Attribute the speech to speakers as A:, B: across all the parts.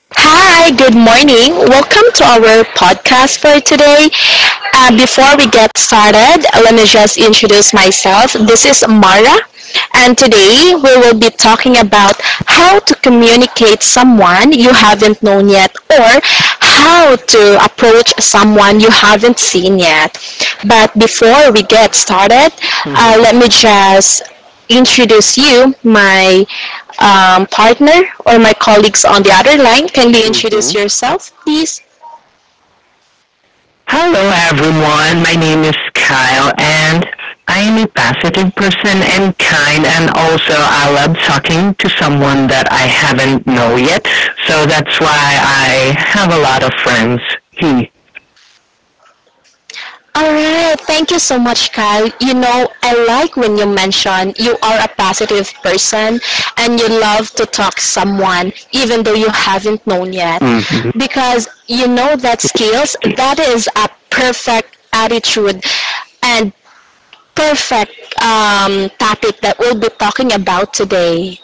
A: Hi, good morning. Welcome to our podcast for today. Before we get started, let me just introduce myself. This is Mara, and today we will be talking about how to communicate someone you haven't known yet, or how to approach someone you haven't seen yet. But before we get started,
B: Who's
A: let me just introduce you, my partner or my colleagues on the other line. Kindly
B: Is
A: introduce
B: Lou?
A: yourself, please.
B: Hello, everyone. My name is Kyle, and I am a positive person and kind, and also I love talking to someone that I haven't know yet. So that's why I have a lot of friends. He.
A: Alright, thank you so much, Kyle. You know, I like when you mention you are a positive person and you love to talk to someone even though you haven't known yet.
B: Mm-hmm.
A: Because you know that skills,
B: She.
A: that is a perfect attitude and perfect topic that we'll be talking about today.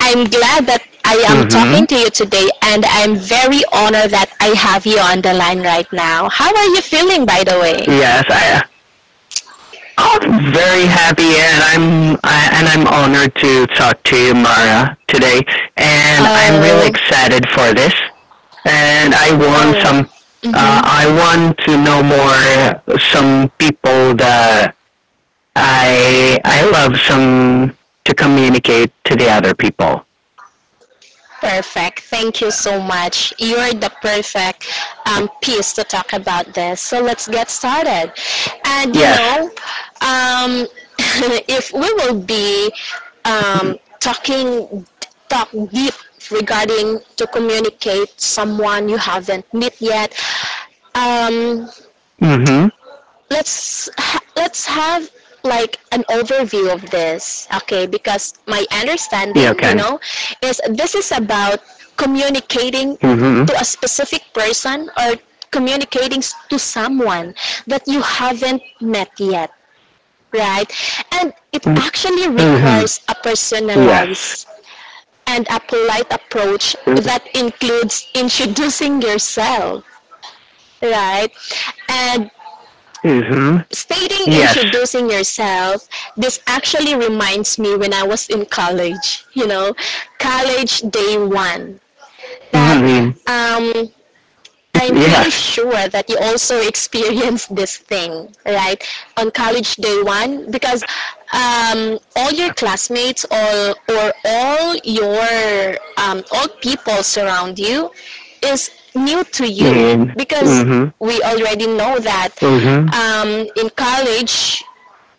A: I'm glad that I am
B: Mm-hmm.
A: talking to you today, and I'm very honored that I have you on the line right now. How are you feeling, by the way?
B: Yes, I. I'm very happy, and I'm honored to talk to you, Mara, today, and I'm really
A: Oh,
B: excited for this. And I want
A: oh,
B: some. Uh,
A: mm-hmm.
B: I want to know more some people that I love some to communicate to the other people.
A: Perfect. Thank you so much. You're the perfect piece to talk about this. So let's get started. And
B: Yes.
A: um, if we will be um, talking talk deep regarding to communicate someone you haven't met yet, um
B: Mm-hmm.
A: let's have like an overview of this, okay? Because my understanding
B: You can.
A: is, this is about communicating
B: Mm-hmm.
A: to a specific person, or communicating to someone that you haven't met yet, right? And it actually
B: Mm-hmm.
A: requires a
B: Yes.
A: personalized and a polite approach that includes introducing yourself, right? And
B: Mm-hmm.
A: stating,
B: Yes.
A: introducing yourself, this actually reminds me when I was in college. College day one, that
B: Mm-hmm.
A: um I'm pretty
B: Yes.
A: sure that you also experienced this thing, right? On college day one, because all your classmates, or all people surround you is new to you.
B: Mm-hmm.
A: Because
B: Mm-hmm.
A: we already know that in college,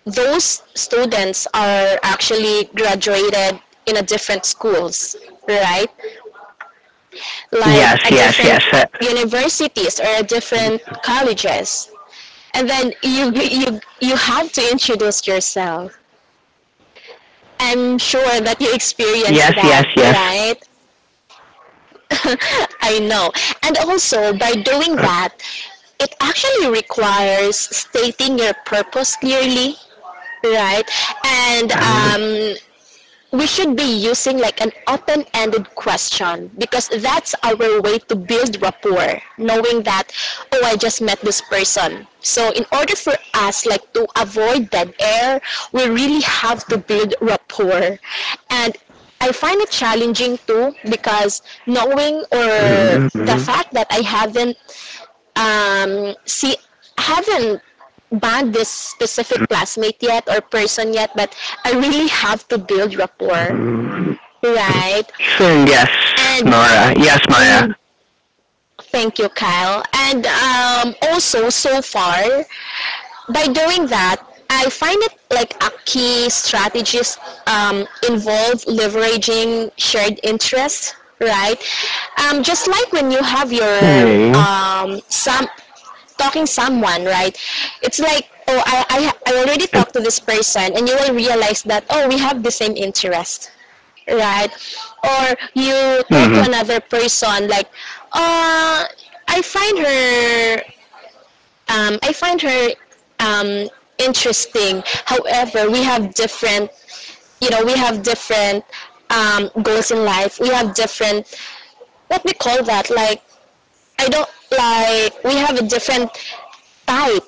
A: those students are actually graduated in a different schools, right? Like
B: Yes.
A: a
B: Yes.
A: different
B: Yes. Uh,
A: universities or a different colleges. And then you have to introduce yourself. I'm sure that you experienced
B: yes. Yes.
A: that,
B: Yes.
A: right? I know. And also by doing that, it actually requires stating your purpose clearly, right? And we should be using like an open-ended question, because that's our way to build rapport, knowing that, oh, I just met this person. So in order for us like to avoid dead air, we really have to build rapport. And I find it challenging too, because knowing, or the
B: Mm-hmm.
A: fact that I haven't see haven't bond this specific classmate yet, or person yet, but I really have to build rapport. Right.
B: Saying yes,
A: And
B: Mara. Yes, Maya.
A: mm, thank you, Kyle. And also, so far, by doing that, I find it like a key strategist involve leveraging shared interests, right? Just like when you have your
B: Mm-hmm.
A: some talking someone, right? It's like, oh, I already talked to this person, and you will realize that, oh, we have the same interest, right? Or you talk to
B: Mm-hmm.
A: another person, like, uh, I find her, um, I find her um, interesting. However, we have different goals in life. We have different, what we call that? Like, I don't. Like, we have a different type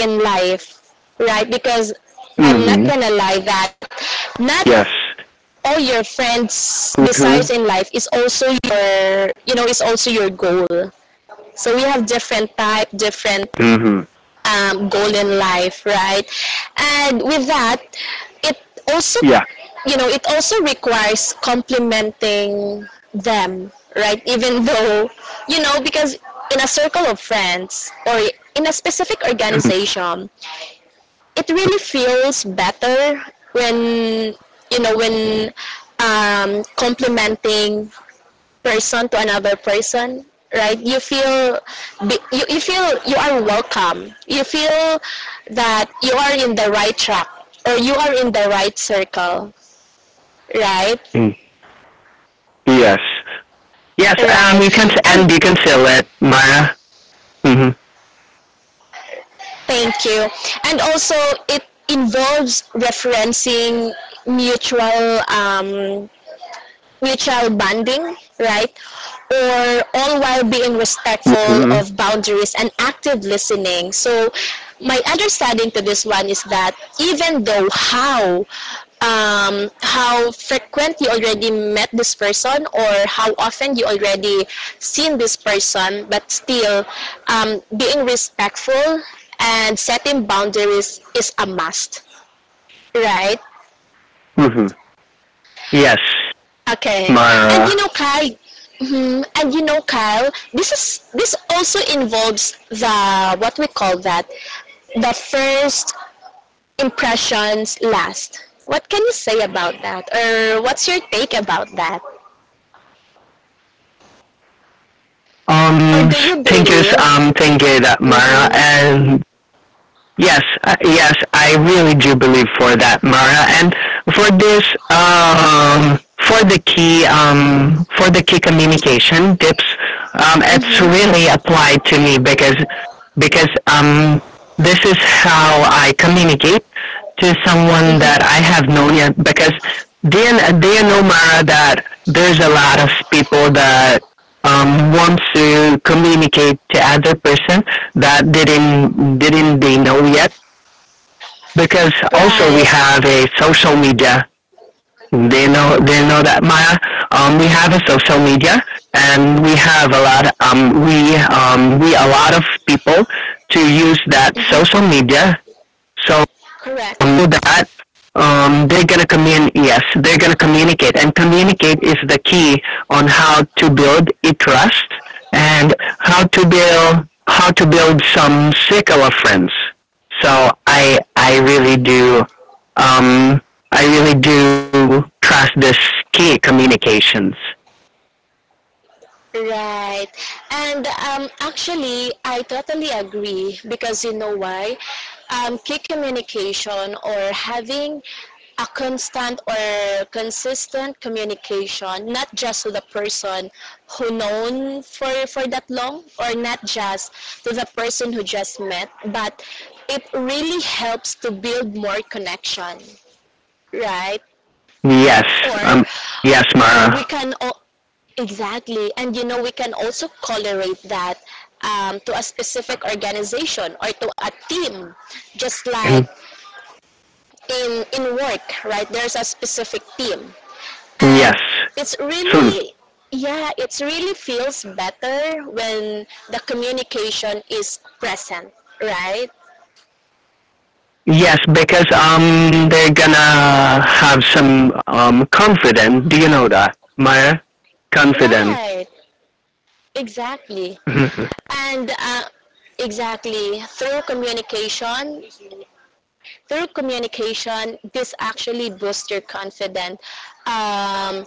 A: in life, right? Because I'm not
B: Mm-hmm.
A: gonna lie that not
B: Yes.
A: all your friends' desires
B: Mm-hmm.
A: in life is also your goal. So we have different type, different
B: Mm-hmm.
A: goal in life, right? And with that, it also,
B: Yeah.
A: it also requires complementing them, right? Even though, because in a circle of friends, or in a specific organization, it really feels better when, you know when complimenting person to another person, right? You feel you are welcome, you feel that you are in the right track, or you are in the right circle, right?
B: Mm. Yes. Yes, um,
A: Right.
B: you can, and
A: And
B: you can seal it, Mara. Mm-hmm.
A: thank you. And also, it involves referencing mutual, mutual bonding, right? Or all while being respectful
B: Mm-hmm.
A: of boundaries and active listening. So, my understanding to this one is that, even though how frequent you already met this person, or how often you already seen this person, but still being respectful and setting boundaries is a must, right?
B: Mm-hmm. Yes,
A: Okay. And you
B: Mara.
A: know, Kyle, this is this also involves the, what we call that, the first impressions last. What can you say about that, or what's your take about that,
B: Um,
A: or do you
B: think it's,
A: believe?
B: thinking that Mara
A: Mm-hmm.
B: and Yes, I really do believe for that, Mara. And for this, um, for the key, for the key communication tips, it's
A: Mm-hmm.
B: really applied to me because this is how I communicate to someone that I have known yet. Because do you know, Mara, that there's a lot of people that wants to communicate to other person that didn't they know yet? Because also we
A: Right.
B: have a social media. They know that Maya. We have a social media, and we have a lot. Of. We we a lot of people to use that social media. So
A: Correct.
B: that they're going to communicate. Yes, they're going to communicate, and communicate is the key on how to build a trust and how to build some circle of friends. So I really do um, I really do trust this key communications.
A: Right. And actually, I totally agree, because you know why? Key communication, or having a constant or consistent communication, not just to the person who known for that long, or not just to the person who just met, but it really helps to build more connection, right?
B: Yes,
A: Or
B: um, yes, Mara.
A: we can o- exactly. And we can also colorate that to a specific organization or to a team, just like in work, right? There's a specific team,
B: Yes.
A: and it's
B: Soon.
A: really yeah, it's really feels better when the communication is present, right?
B: Yes, because they're gonna have some confidence. Do you know that, Maya? Confident.
A: Right. Exactly.
B: Mhm.
A: And exactly, through communication, this actually boosts your confidence, um,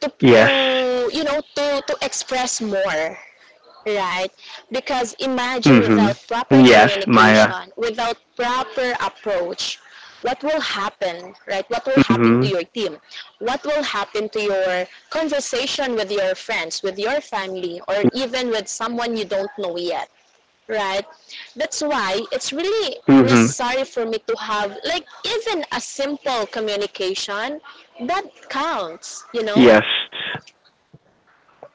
A: to,
B: Yes.
A: to you know to express more, right? Because imagine, without
B: Mhm.
A: proper
B: Yes, Maya.
A: communication, without proper approach, what will happen, right? What will happen to
B: Mhm.
A: your team? What will happen to your conversation with your friends, with your family, or even with someone you don't know yet? Right? That's why it's really
B: Mhm.
A: necessary for me to have like even a simple communication that counts, you know?
B: Yes.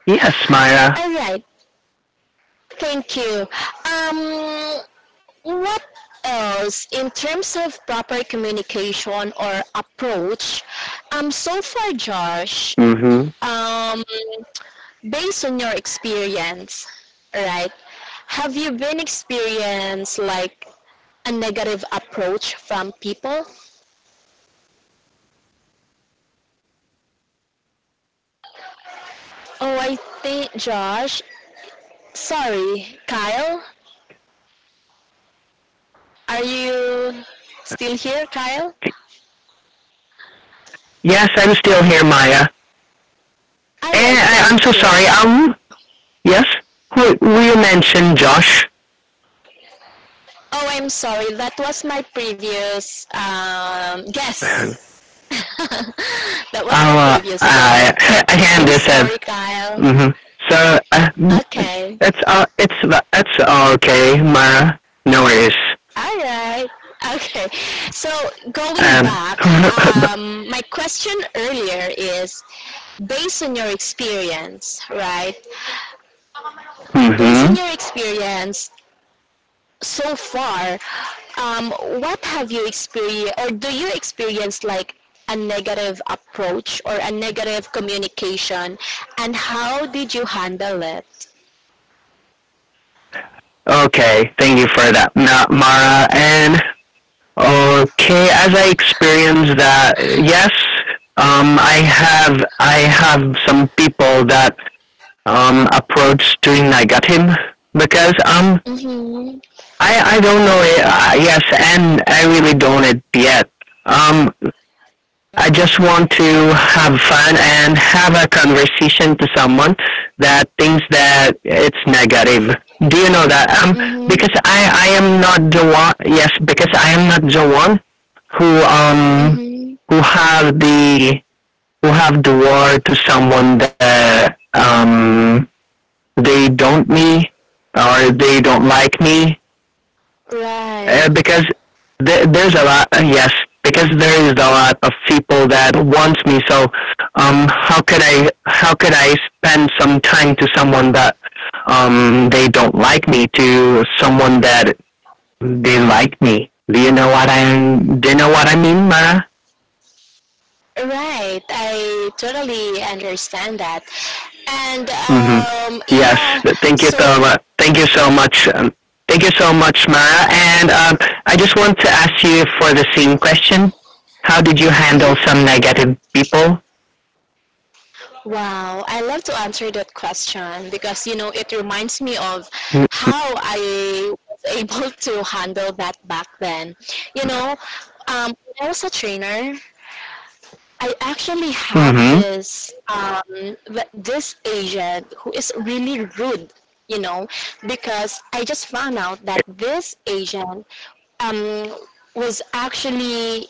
B: Yes, Maya.
A: All right, thank you. Um, what else in terms of proper communication or approach? So far, Josh,
B: Mhm.
A: um, based on your experience, right? Have you been experienced like a negative approach from people? Oh, I think Josh. Sorry, Kyle. Are you still here, Kyle?
B: Yes, I'm still here, Maya.
A: All right,
B: I'm so
A: thank you.
B: sorry. Yes. Who you mentioned, Josh?
A: Oh, I'm sorry. That was my previous guess. That was my
B: Oh,
A: previous guess.
B: I
A: I'm
B: understand.
A: sorry, Kyle.
B: Mm-hmm. So
A: Okay.
B: it's all it's okay, Mara. No worries.
A: All right. Okay. So going
B: And
A: back, my question earlier is, based on your experience, right? Based
B: mm-hmm.
A: on your experience, so far, um, what have you experienced, or do you experience like a negative approach or a negative communication, and how did you handle it?
B: Okay. Thank you for that, Mara. And okay, as I experience that, yes. I have some people that approached during I got him because
A: Mhm.
B: I don't know it, yes, and I really don't it yet um I just want to have fun and have a conversation to someone that thinks that it's negative. Do you know that?
A: Mhm.
B: Because I am not the one. Yes, because I am not the one who
A: Mhm.
B: who have the who have the war to someone that they don't me or they don't like me
A: Right.
B: because there's a lot, yes, because there is a lot of people that wants me. So, how could I spend some time to someone that, they don't like me to someone that they like me? Do you know what I, do you know what I mean, Mara?
A: Right. I totally understand that, and
B: Mm-hmm. Yes.
A: yeah.
B: Thank you so
A: So,
B: much. Thank you so much. Thank you so much, Mara. And I just want to ask you for the same question. How did you handle some negative people?
A: wow, I love to answer that question, because it reminds me of how I was able to handle that back then. You know, when I was a trainer, I actually have
B: Mm-hmm.
A: this agent who is really rude. You know, because I just found out that this agent um, was actually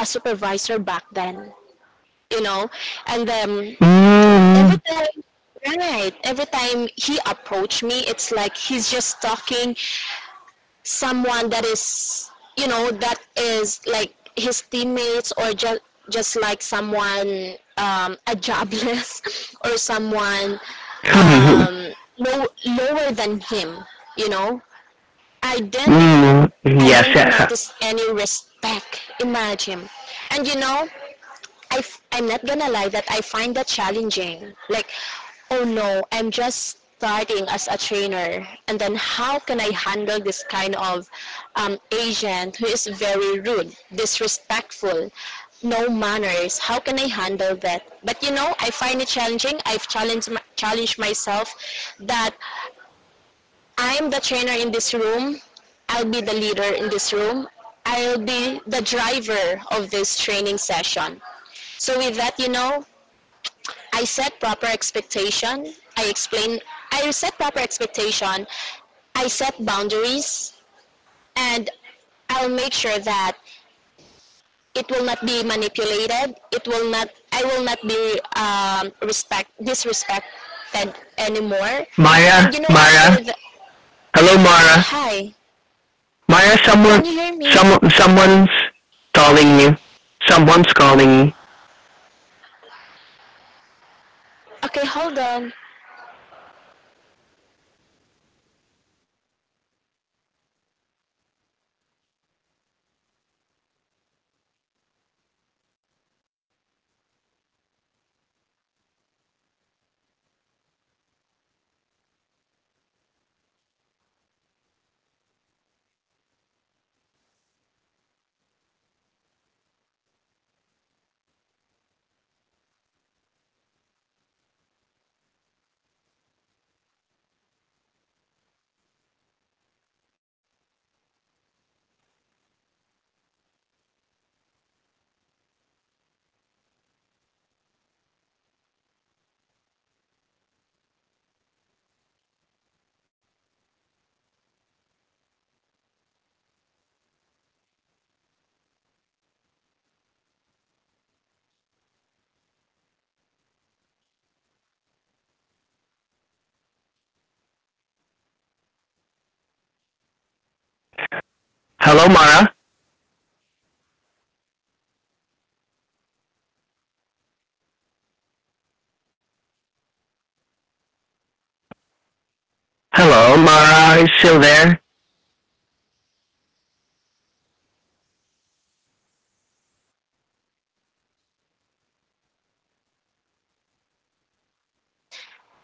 A: a supervisor back then. You know, and then
B: Mm-hmm.
A: every time right every time he approached me, it's like he's just talking someone that is, that is like his teammates, or just like someone, a jobless, or someone, lower than him. You know I didn't
B: Mm,
A: I
B: yes,
A: didn't
B: yes.
A: notice any respect, imagine. And I'm not gonna lie that I find that challenging. Like, oh no, I'm just starting as a trainer, and then how can I handle this kind of, agent who is very rude, disrespectful, no manners? How can I handle that? But you know, I find it challenging. I've challenged challenged myself that I'm the trainer in this room. I'll be the leader in this room. I'll be the driver of this training session. So with that, you know, I set proper expectation. I set proper expectation. I set boundaries, and I'll make sure that it will not be manipulated. It will not, I will not be, disrespected anymore. And
B: Mara,
A: you know, after
B: Mara.
A: the,
B: Hello, Mara.
A: hi,
B: Mara,
A: can
B: someone,
A: you hear me?
B: someone, someone's calling you. Someone's calling you.
A: Okay, hold on.
B: Hello, Mara. Hello, Mara. Are you still there?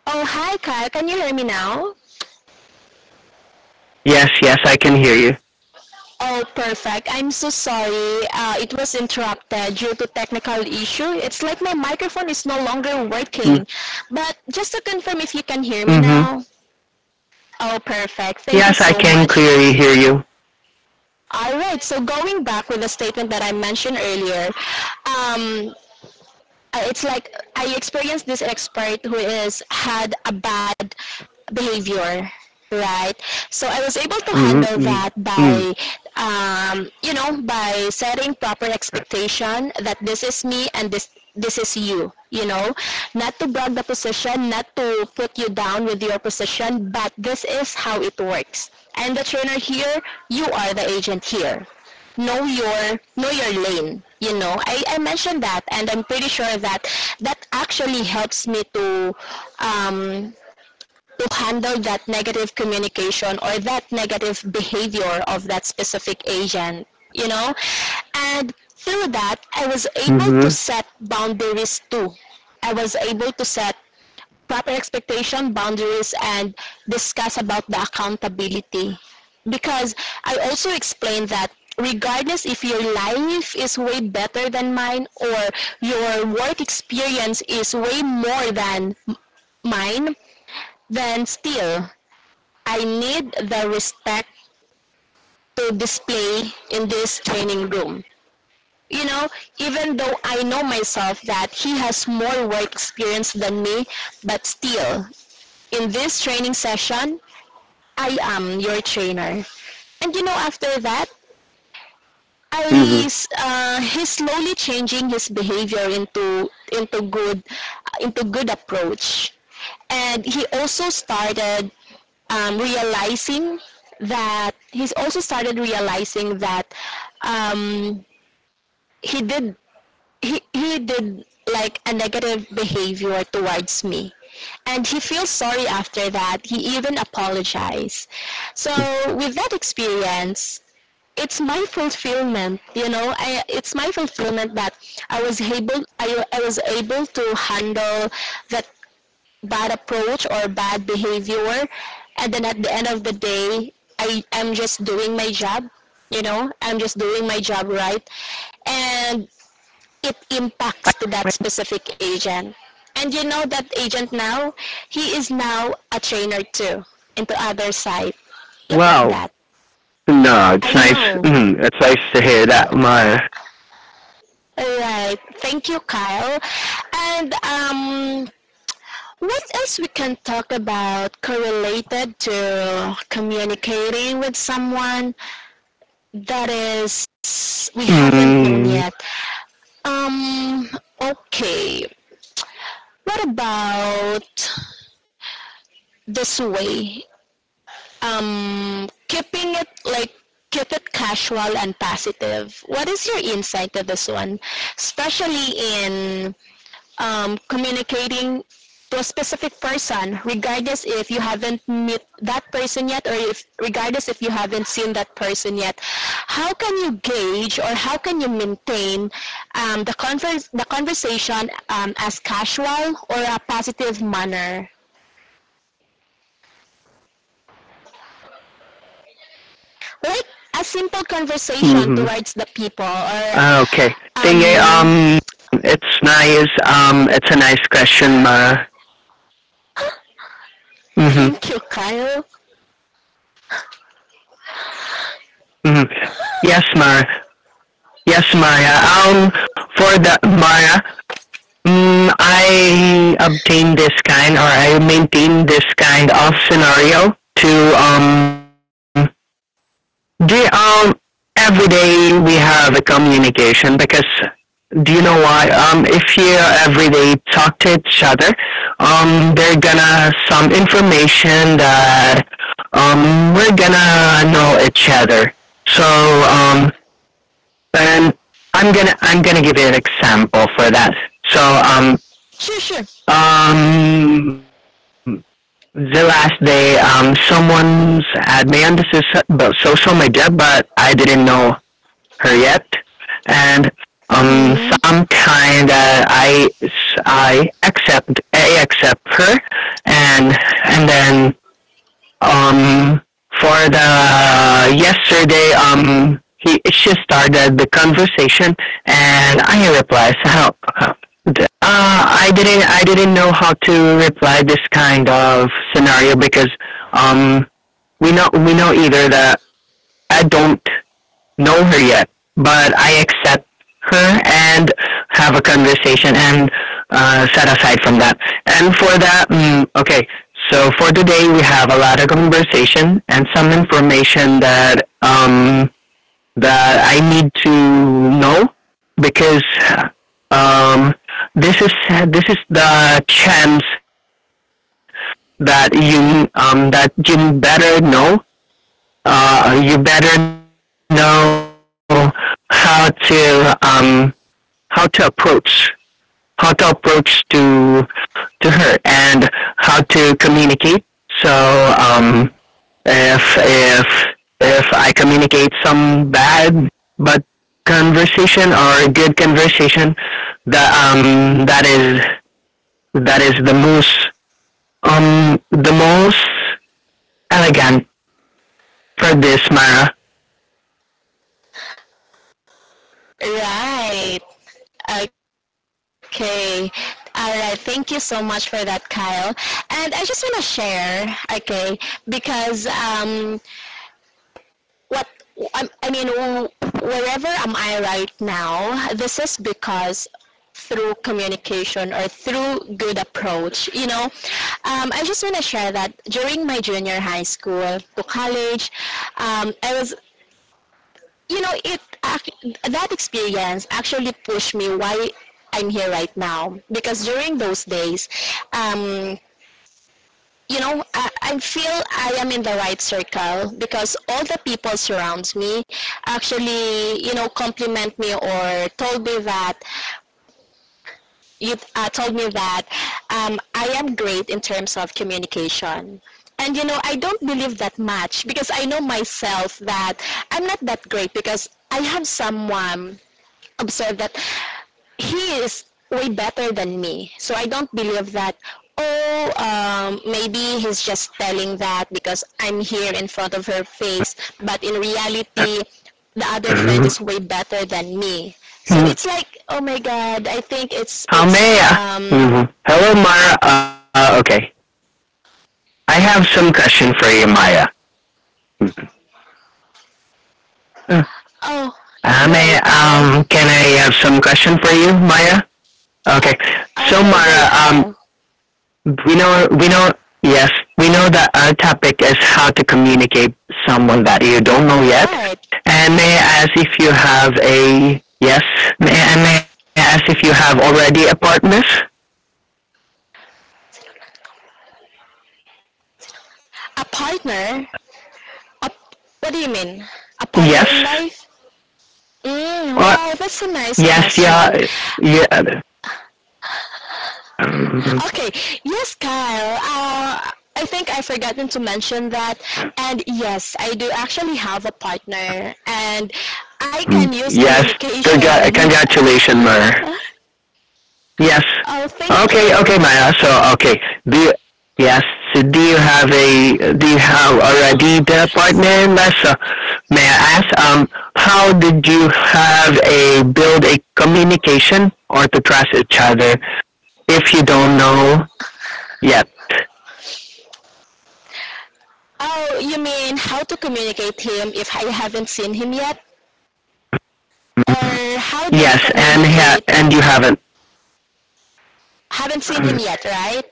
A: Oh, hi, Kyle. Can you hear me now?
B: Yes, yes, I can hear you.
A: Oh, perfect. I'm so sorry. It was interrupted due to technical issue. It's like my microphone is no longer
B: Mm.
A: working. But just to confirm if you can hear me
B: Mm-hmm.
A: now. Oh, perfect. Thank you
B: Yes, I
A: so
B: can clearly
A: much.
B: hear you.
A: All right. So going back with the statement that I mentioned earlier, um, it's like I experienced this expert who is had a bad behavior, right? So I was able to handle
B: Mm-hmm.
A: that
B: Mm-hmm.
A: by, by setting proper expectation, that this is me and this is you. You know Not to brag the position, not to put you down with your position, but this is how it works. I'm the trainer here, you are the agent here. Know your lane. I mentioned that, and I'm pretty sure that that actually helps me to um would handle that negative communication, or that negative behavior of that specific agent, you know? And through that, I was able to
B: Mm-hmm.
A: set boundaries too. I was able to set proper expectation, boundaries, and discuss about the accountability. Because I also explained that regardless if your life is way better than mine or your work experience is way more than mine, then still I need the respect to display in this training room. You know, even though I know myself that he has more work experience than me, but still, in this training session, I am your trainer. And you know, after that,
B: Mm-hmm.
A: Aris, he's slowly changing his behavior into good into good approach, and he also started realizing that he's also started realizing that um, he did he did like a negative behavior towards me, and he feels sorry after that. He even apologized. So with that experience, it's my fulfillment. It's my fulfillment that I was able to handle that bad approach or bad behavior. And then at the end of the day, I am just doing my job. You know, I'm just doing my job, right? And it impacts to that specific agent. And you know that agent now, he is now a trainer too, into other site. Look at
B: Wow.
A: that.
B: No, it's
A: I
B: nice.
A: know.
B: Mm, it's nice to hear that, Maya.
A: Alright, thank you, Kyle. And what else we can talk about correlated to communicating with someone that is we haven't known
B: Mm.
A: yet? Um, okay. What about this way? Keeping it like keep it casual and positive. What is your insight to this one, especially in communicating to a specific person, regardless if you haven't met that person yet, or if regardless if you haven't seen that person yet, how can you gauge or how can you maintain the conversation as casual or a positive manner, like a simple
B: Mm-hmm.
A: conversation towards the people, or
B: Okay. Thing is,
A: um,
B: um, it's nice. It's a nice question, Maya. Mm-hmm.
A: thank you, Kyle.
B: Mm-hmm. Yes, Maya. Yes, Maya. For the Maya, mm, I obtain this kind or I maintain this kind of scenario to do every day we have a communication because do you know why? If you every day talk to each other, they're gonna some information that we're gonna know each other. So um, and I'm gonna give you an example for that. So um
A: Sure, sure.
B: um the last day someone's had me on the soc- but social media, but I didn't know her yet, and um,
A: Mm-hmm.
B: sometime that I I accept her, and and then um for the yesterday he she started the conversation and I replied so how uh, I didn't know how to reply this kind of scenario because um we know either that I don't know her yet, but I accept her and have a conversation and set aside from that. And for that, mm, okay, so for today we have a lot of conversation and some information that that I need to know because um, this is this is the chance that you better know. You better know how to how to approach how to approach to her and how to communicate. So um, if if if I communicate some bad but conversation or good conversation, that that is the most um elegant for this Mara.
A: Right. Okay. All right. Thank you so much for that, Kyle. And I just want to share, okay, because what I mean, wherever am I right now, this is because through communication or through good approach, you know. I just want to share that during my junior high school to college, I was you know it that experience actually pushed me why I'm here right now, because during those days um you know I feel I am in the right circle because all the people surrounds me actually, you know, compliment me or told me that you told me that I am great in terms of communication. And you know I don't believe that much because I know myself that I'm not that great, because I have someone observe that he is way better than me. So I don't believe that. Oh, maybe he's just telling that because I'm here in front of her face. But in reality, the other friend
B: Mm-hmm.
A: is way better than me. So it's like, oh my god, I think it's,
B: How
A: it's,
B: may I?
A: um,
B: Mm-hmm. Hello, Mara. Okay, I have some question for you, Maya.
A: oh, go, Kyle.
B: Can I have some question for you, Maya? Okay. So,
A: Okay,
B: Maya,
A: go, Kyle.
B: we know, yes, we know that our topic is how to communicate someone that you don't know yet.
A: Right.
B: And may I ask if you have a, yes, may I ask if you have already a partner?
A: A partner? A, what do you mean? A partner in
B: Yes.
A: life? Mm,
B: Or,
A: wow, that's a nice
B: yes,
A: question.
B: yeah, um,
A: Okay. Yes, Kyle. I think I forgotten to mention that. And yes, I do actually have a partner, and I can use
B: yes.
A: communication.
B: Congratulations, Maya. Yes.
A: oh, thank
B: Okay,
A: you.
B: okay, Maya. So, okay. Do you, yes. So, do you have a do you have already the partner? Massa? May I ask? How did you have a build a communication or to trust each other if you don't know yet?
A: Oh, you mean how to communicate him if I haven't seen him yet? Or how do we
B: Yes, and ha-
A: communicate?
B: and you haven't.
A: Haven't seen him yet, right?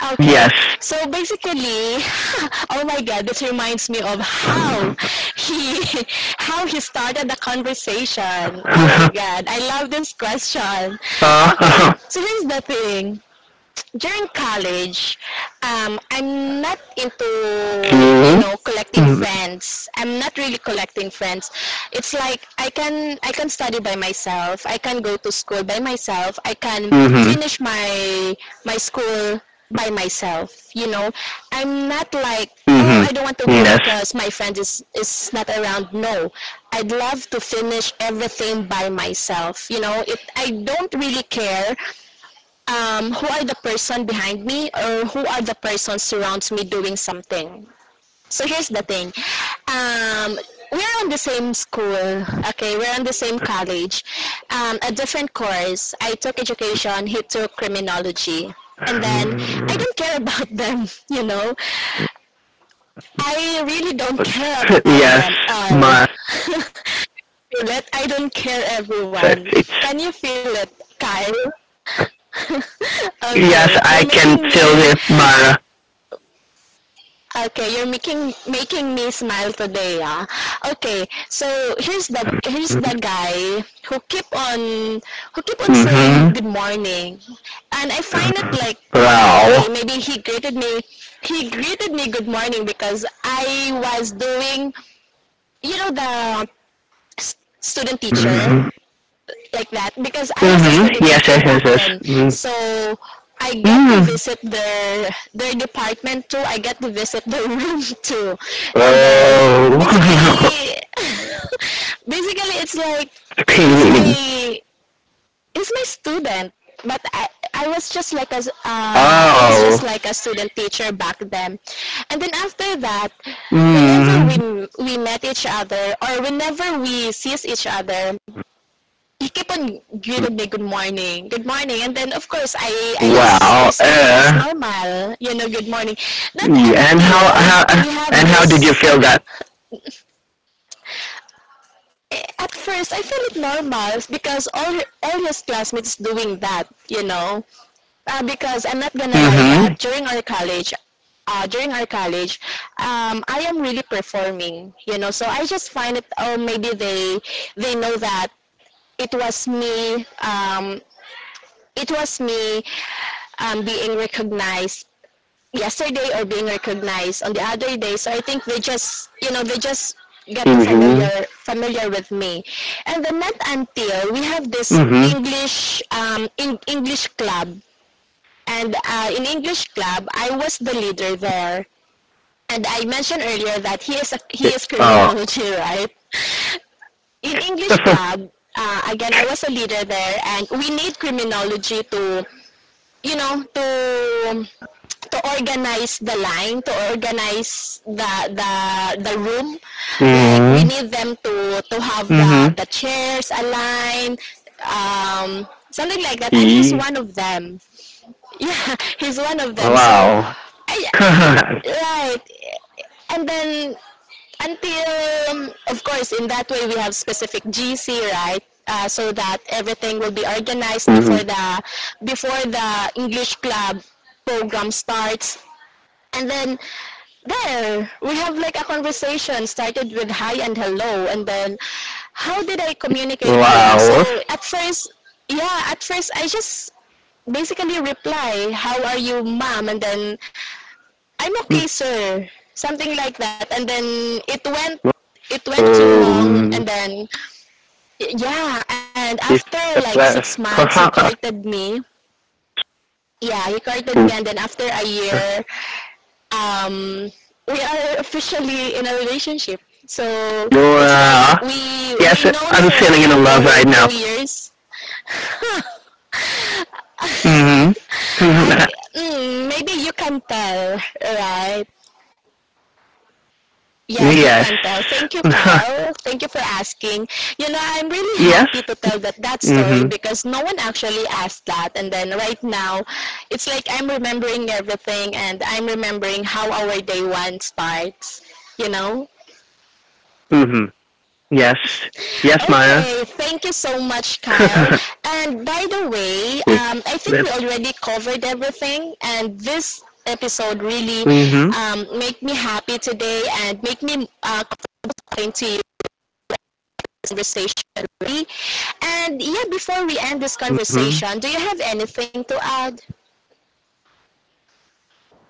A: Okay,
B: Yes.
A: so basically, oh my god, this reminds me of how he how he started the conversation. Oh my god, I love this question. Okay,
B: Uh
A: so here's the thing, during college, I'm not into, you
B: okay.
A: know, collecting
B: Mm-hmm.
A: friends. I'm not really collecting friends. It's like I can study by myself. I can go to school by myself. I can
B: Mm-hmm.
A: finish my my school by myself. You know, I'm not like, oh I
B: Mm-hmm.
A: don't want to go
B: Yes.
A: because my friend is not around. No, I'd love to finish everything by myself. You know, it I don't really care who are the person behind me or who are the person surrounds me doing something. So here's the thing. Um, we're in the same school, okay? We're in the same college. A different course. I took education, he took criminology. And then I don't care about them, you know? I really don't care about
B: Yes,
A: them all.
B: my.
A: feel it? I don't care
B: So
A: everyone.
B: it's
A: Can you feel it, Kyle? okay,
B: yes,
A: you're
B: I
A: making
B: can feel
A: me.
B: the Mara.
A: Okay, you're making me smile today, ah. Okay, so here's the guy who keep on saying
B: Mm-hmm.
A: good morning, and I find it like ah, okay,
B: Wow.
A: maybe he greeted me, he greeted me good morning because I was doing you know the student teacher,
B: Mm-hmm.
A: like that, because I was a
B: Mm-hmm.
A: student
B: Yes,
A: teacher
B: yes, yes,
A: back then.
B: yes.
A: So I get to
B: Mm-hmm.
A: visit their department too. I get to visit their room too. And then basically basically it's like he's my he's my student, but I was just like a
B: Oh.
A: I was just
B: oh.
A: like a student teacher back then. And then after that, whenever
B: Mm.
A: we met each other or whenever we sees each other, you keep on greeted me good morning good morning, and then of course i just
B: Wow.
A: receive it as normal, you know, good morning. Not
B: Yeah, and how?
A: until
B: How? uh,
A: we have
B: And how did you
A: this,
B: feel that?
A: at first I feel it normal because all his classmates doing that, you know. Because I'm not gonna lie that
B: Mm-hmm.
A: during our college, uh, during our college, I am really performing, you know. So I just find it. Oh, maybe they know that it was me. It was me being recognized yesterday, or being recognized on the other day. So I think they just, you know, they just get to
B: Mm-hmm.
A: familiar with me. And then not until we have this
B: Mm-hmm.
A: English in English club. And in English club, I was the leader there. And I mentioned earlier that
B: Yeah.
A: he is
B: Oh.
A: criminology, right? In English club, again, I was a leader there, and we need criminology to you know to organize the line, to organize the room. Like we
B: mm-hmm.
A: need them to have
B: Mm-hmm.
A: the chairs aligned, something like that. And he's
B: E.
A: one of them. Yeah, he's one of them. So,
B: Wow.
A: I, right. And then until of course in that way we have specific GC, right. So that everything will be organized
B: mm-hmm.
A: before the English club program starts. And then there we have like a conversation started with hi and hello, and then how did I communicate him? So
B: Laos,
A: at first, yeah, at first I just basically reply how are you ma'am, and then I'm okay sir, something like that, and then it went too long,
B: um,
A: and then yeah, and
B: is
A: after
B: a
A: like six
B: place,
A: months he
B: perhaps,
A: courted me, yeah he courted me, and
B: you're,
A: then after a year, um, we are officially in a relationship. So it's like
B: uh, yes,
A: we're known
B: I'm sitting in a love
A: for
B: right now.
A: 2 years.
B: Mm-hmm.
A: I mm, maybe you can tell, right? Yes, you
B: yes.
A: can tell. Thank you, Kyle. Thank you for asking. You know, I'm really
B: yes.
A: happy to tell that that story
B: Mm-hmm.
A: because no one actually asked that. And then right now, it's like I'm remembering everything and I'm remembering how our day one starts. You know,
B: Mm-hmm. Yes. Yes, Maya.
A: okay, thank you so much, Kyle. And by the way,
B: Me.
A: I
B: This.
A: think we already covered everything, and this episode really
B: Mm-hmm.
A: made me happy today and make me confident to you this conversation. Already. And yeah, before we end this
B: Mm-hmm.
A: conversation, do you have anything to add?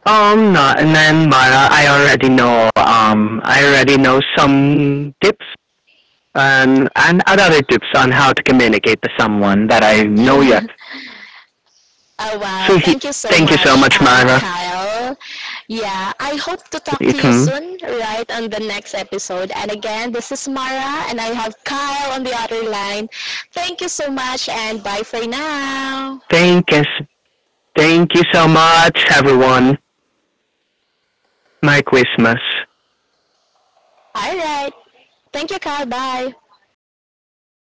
B: No, and then Mara, I already know, I already know some tips and other tips on how to communicate to someone that I know yet.
A: Oh wow,
B: So he,
A: thank you so
B: thank you so
A: much,
B: much, Myra.
A: Kyle. Yeah, I hope to talk to you
B: Mhm.
A: soon, right, on the next episode. And again, this is Mara, and I have Kyle on the other line. Thank you so much, and bye for now.
B: Thank you, thank you so much, everyone. Merry Christmas.
A: All right. Thank you, Kyle. Bye.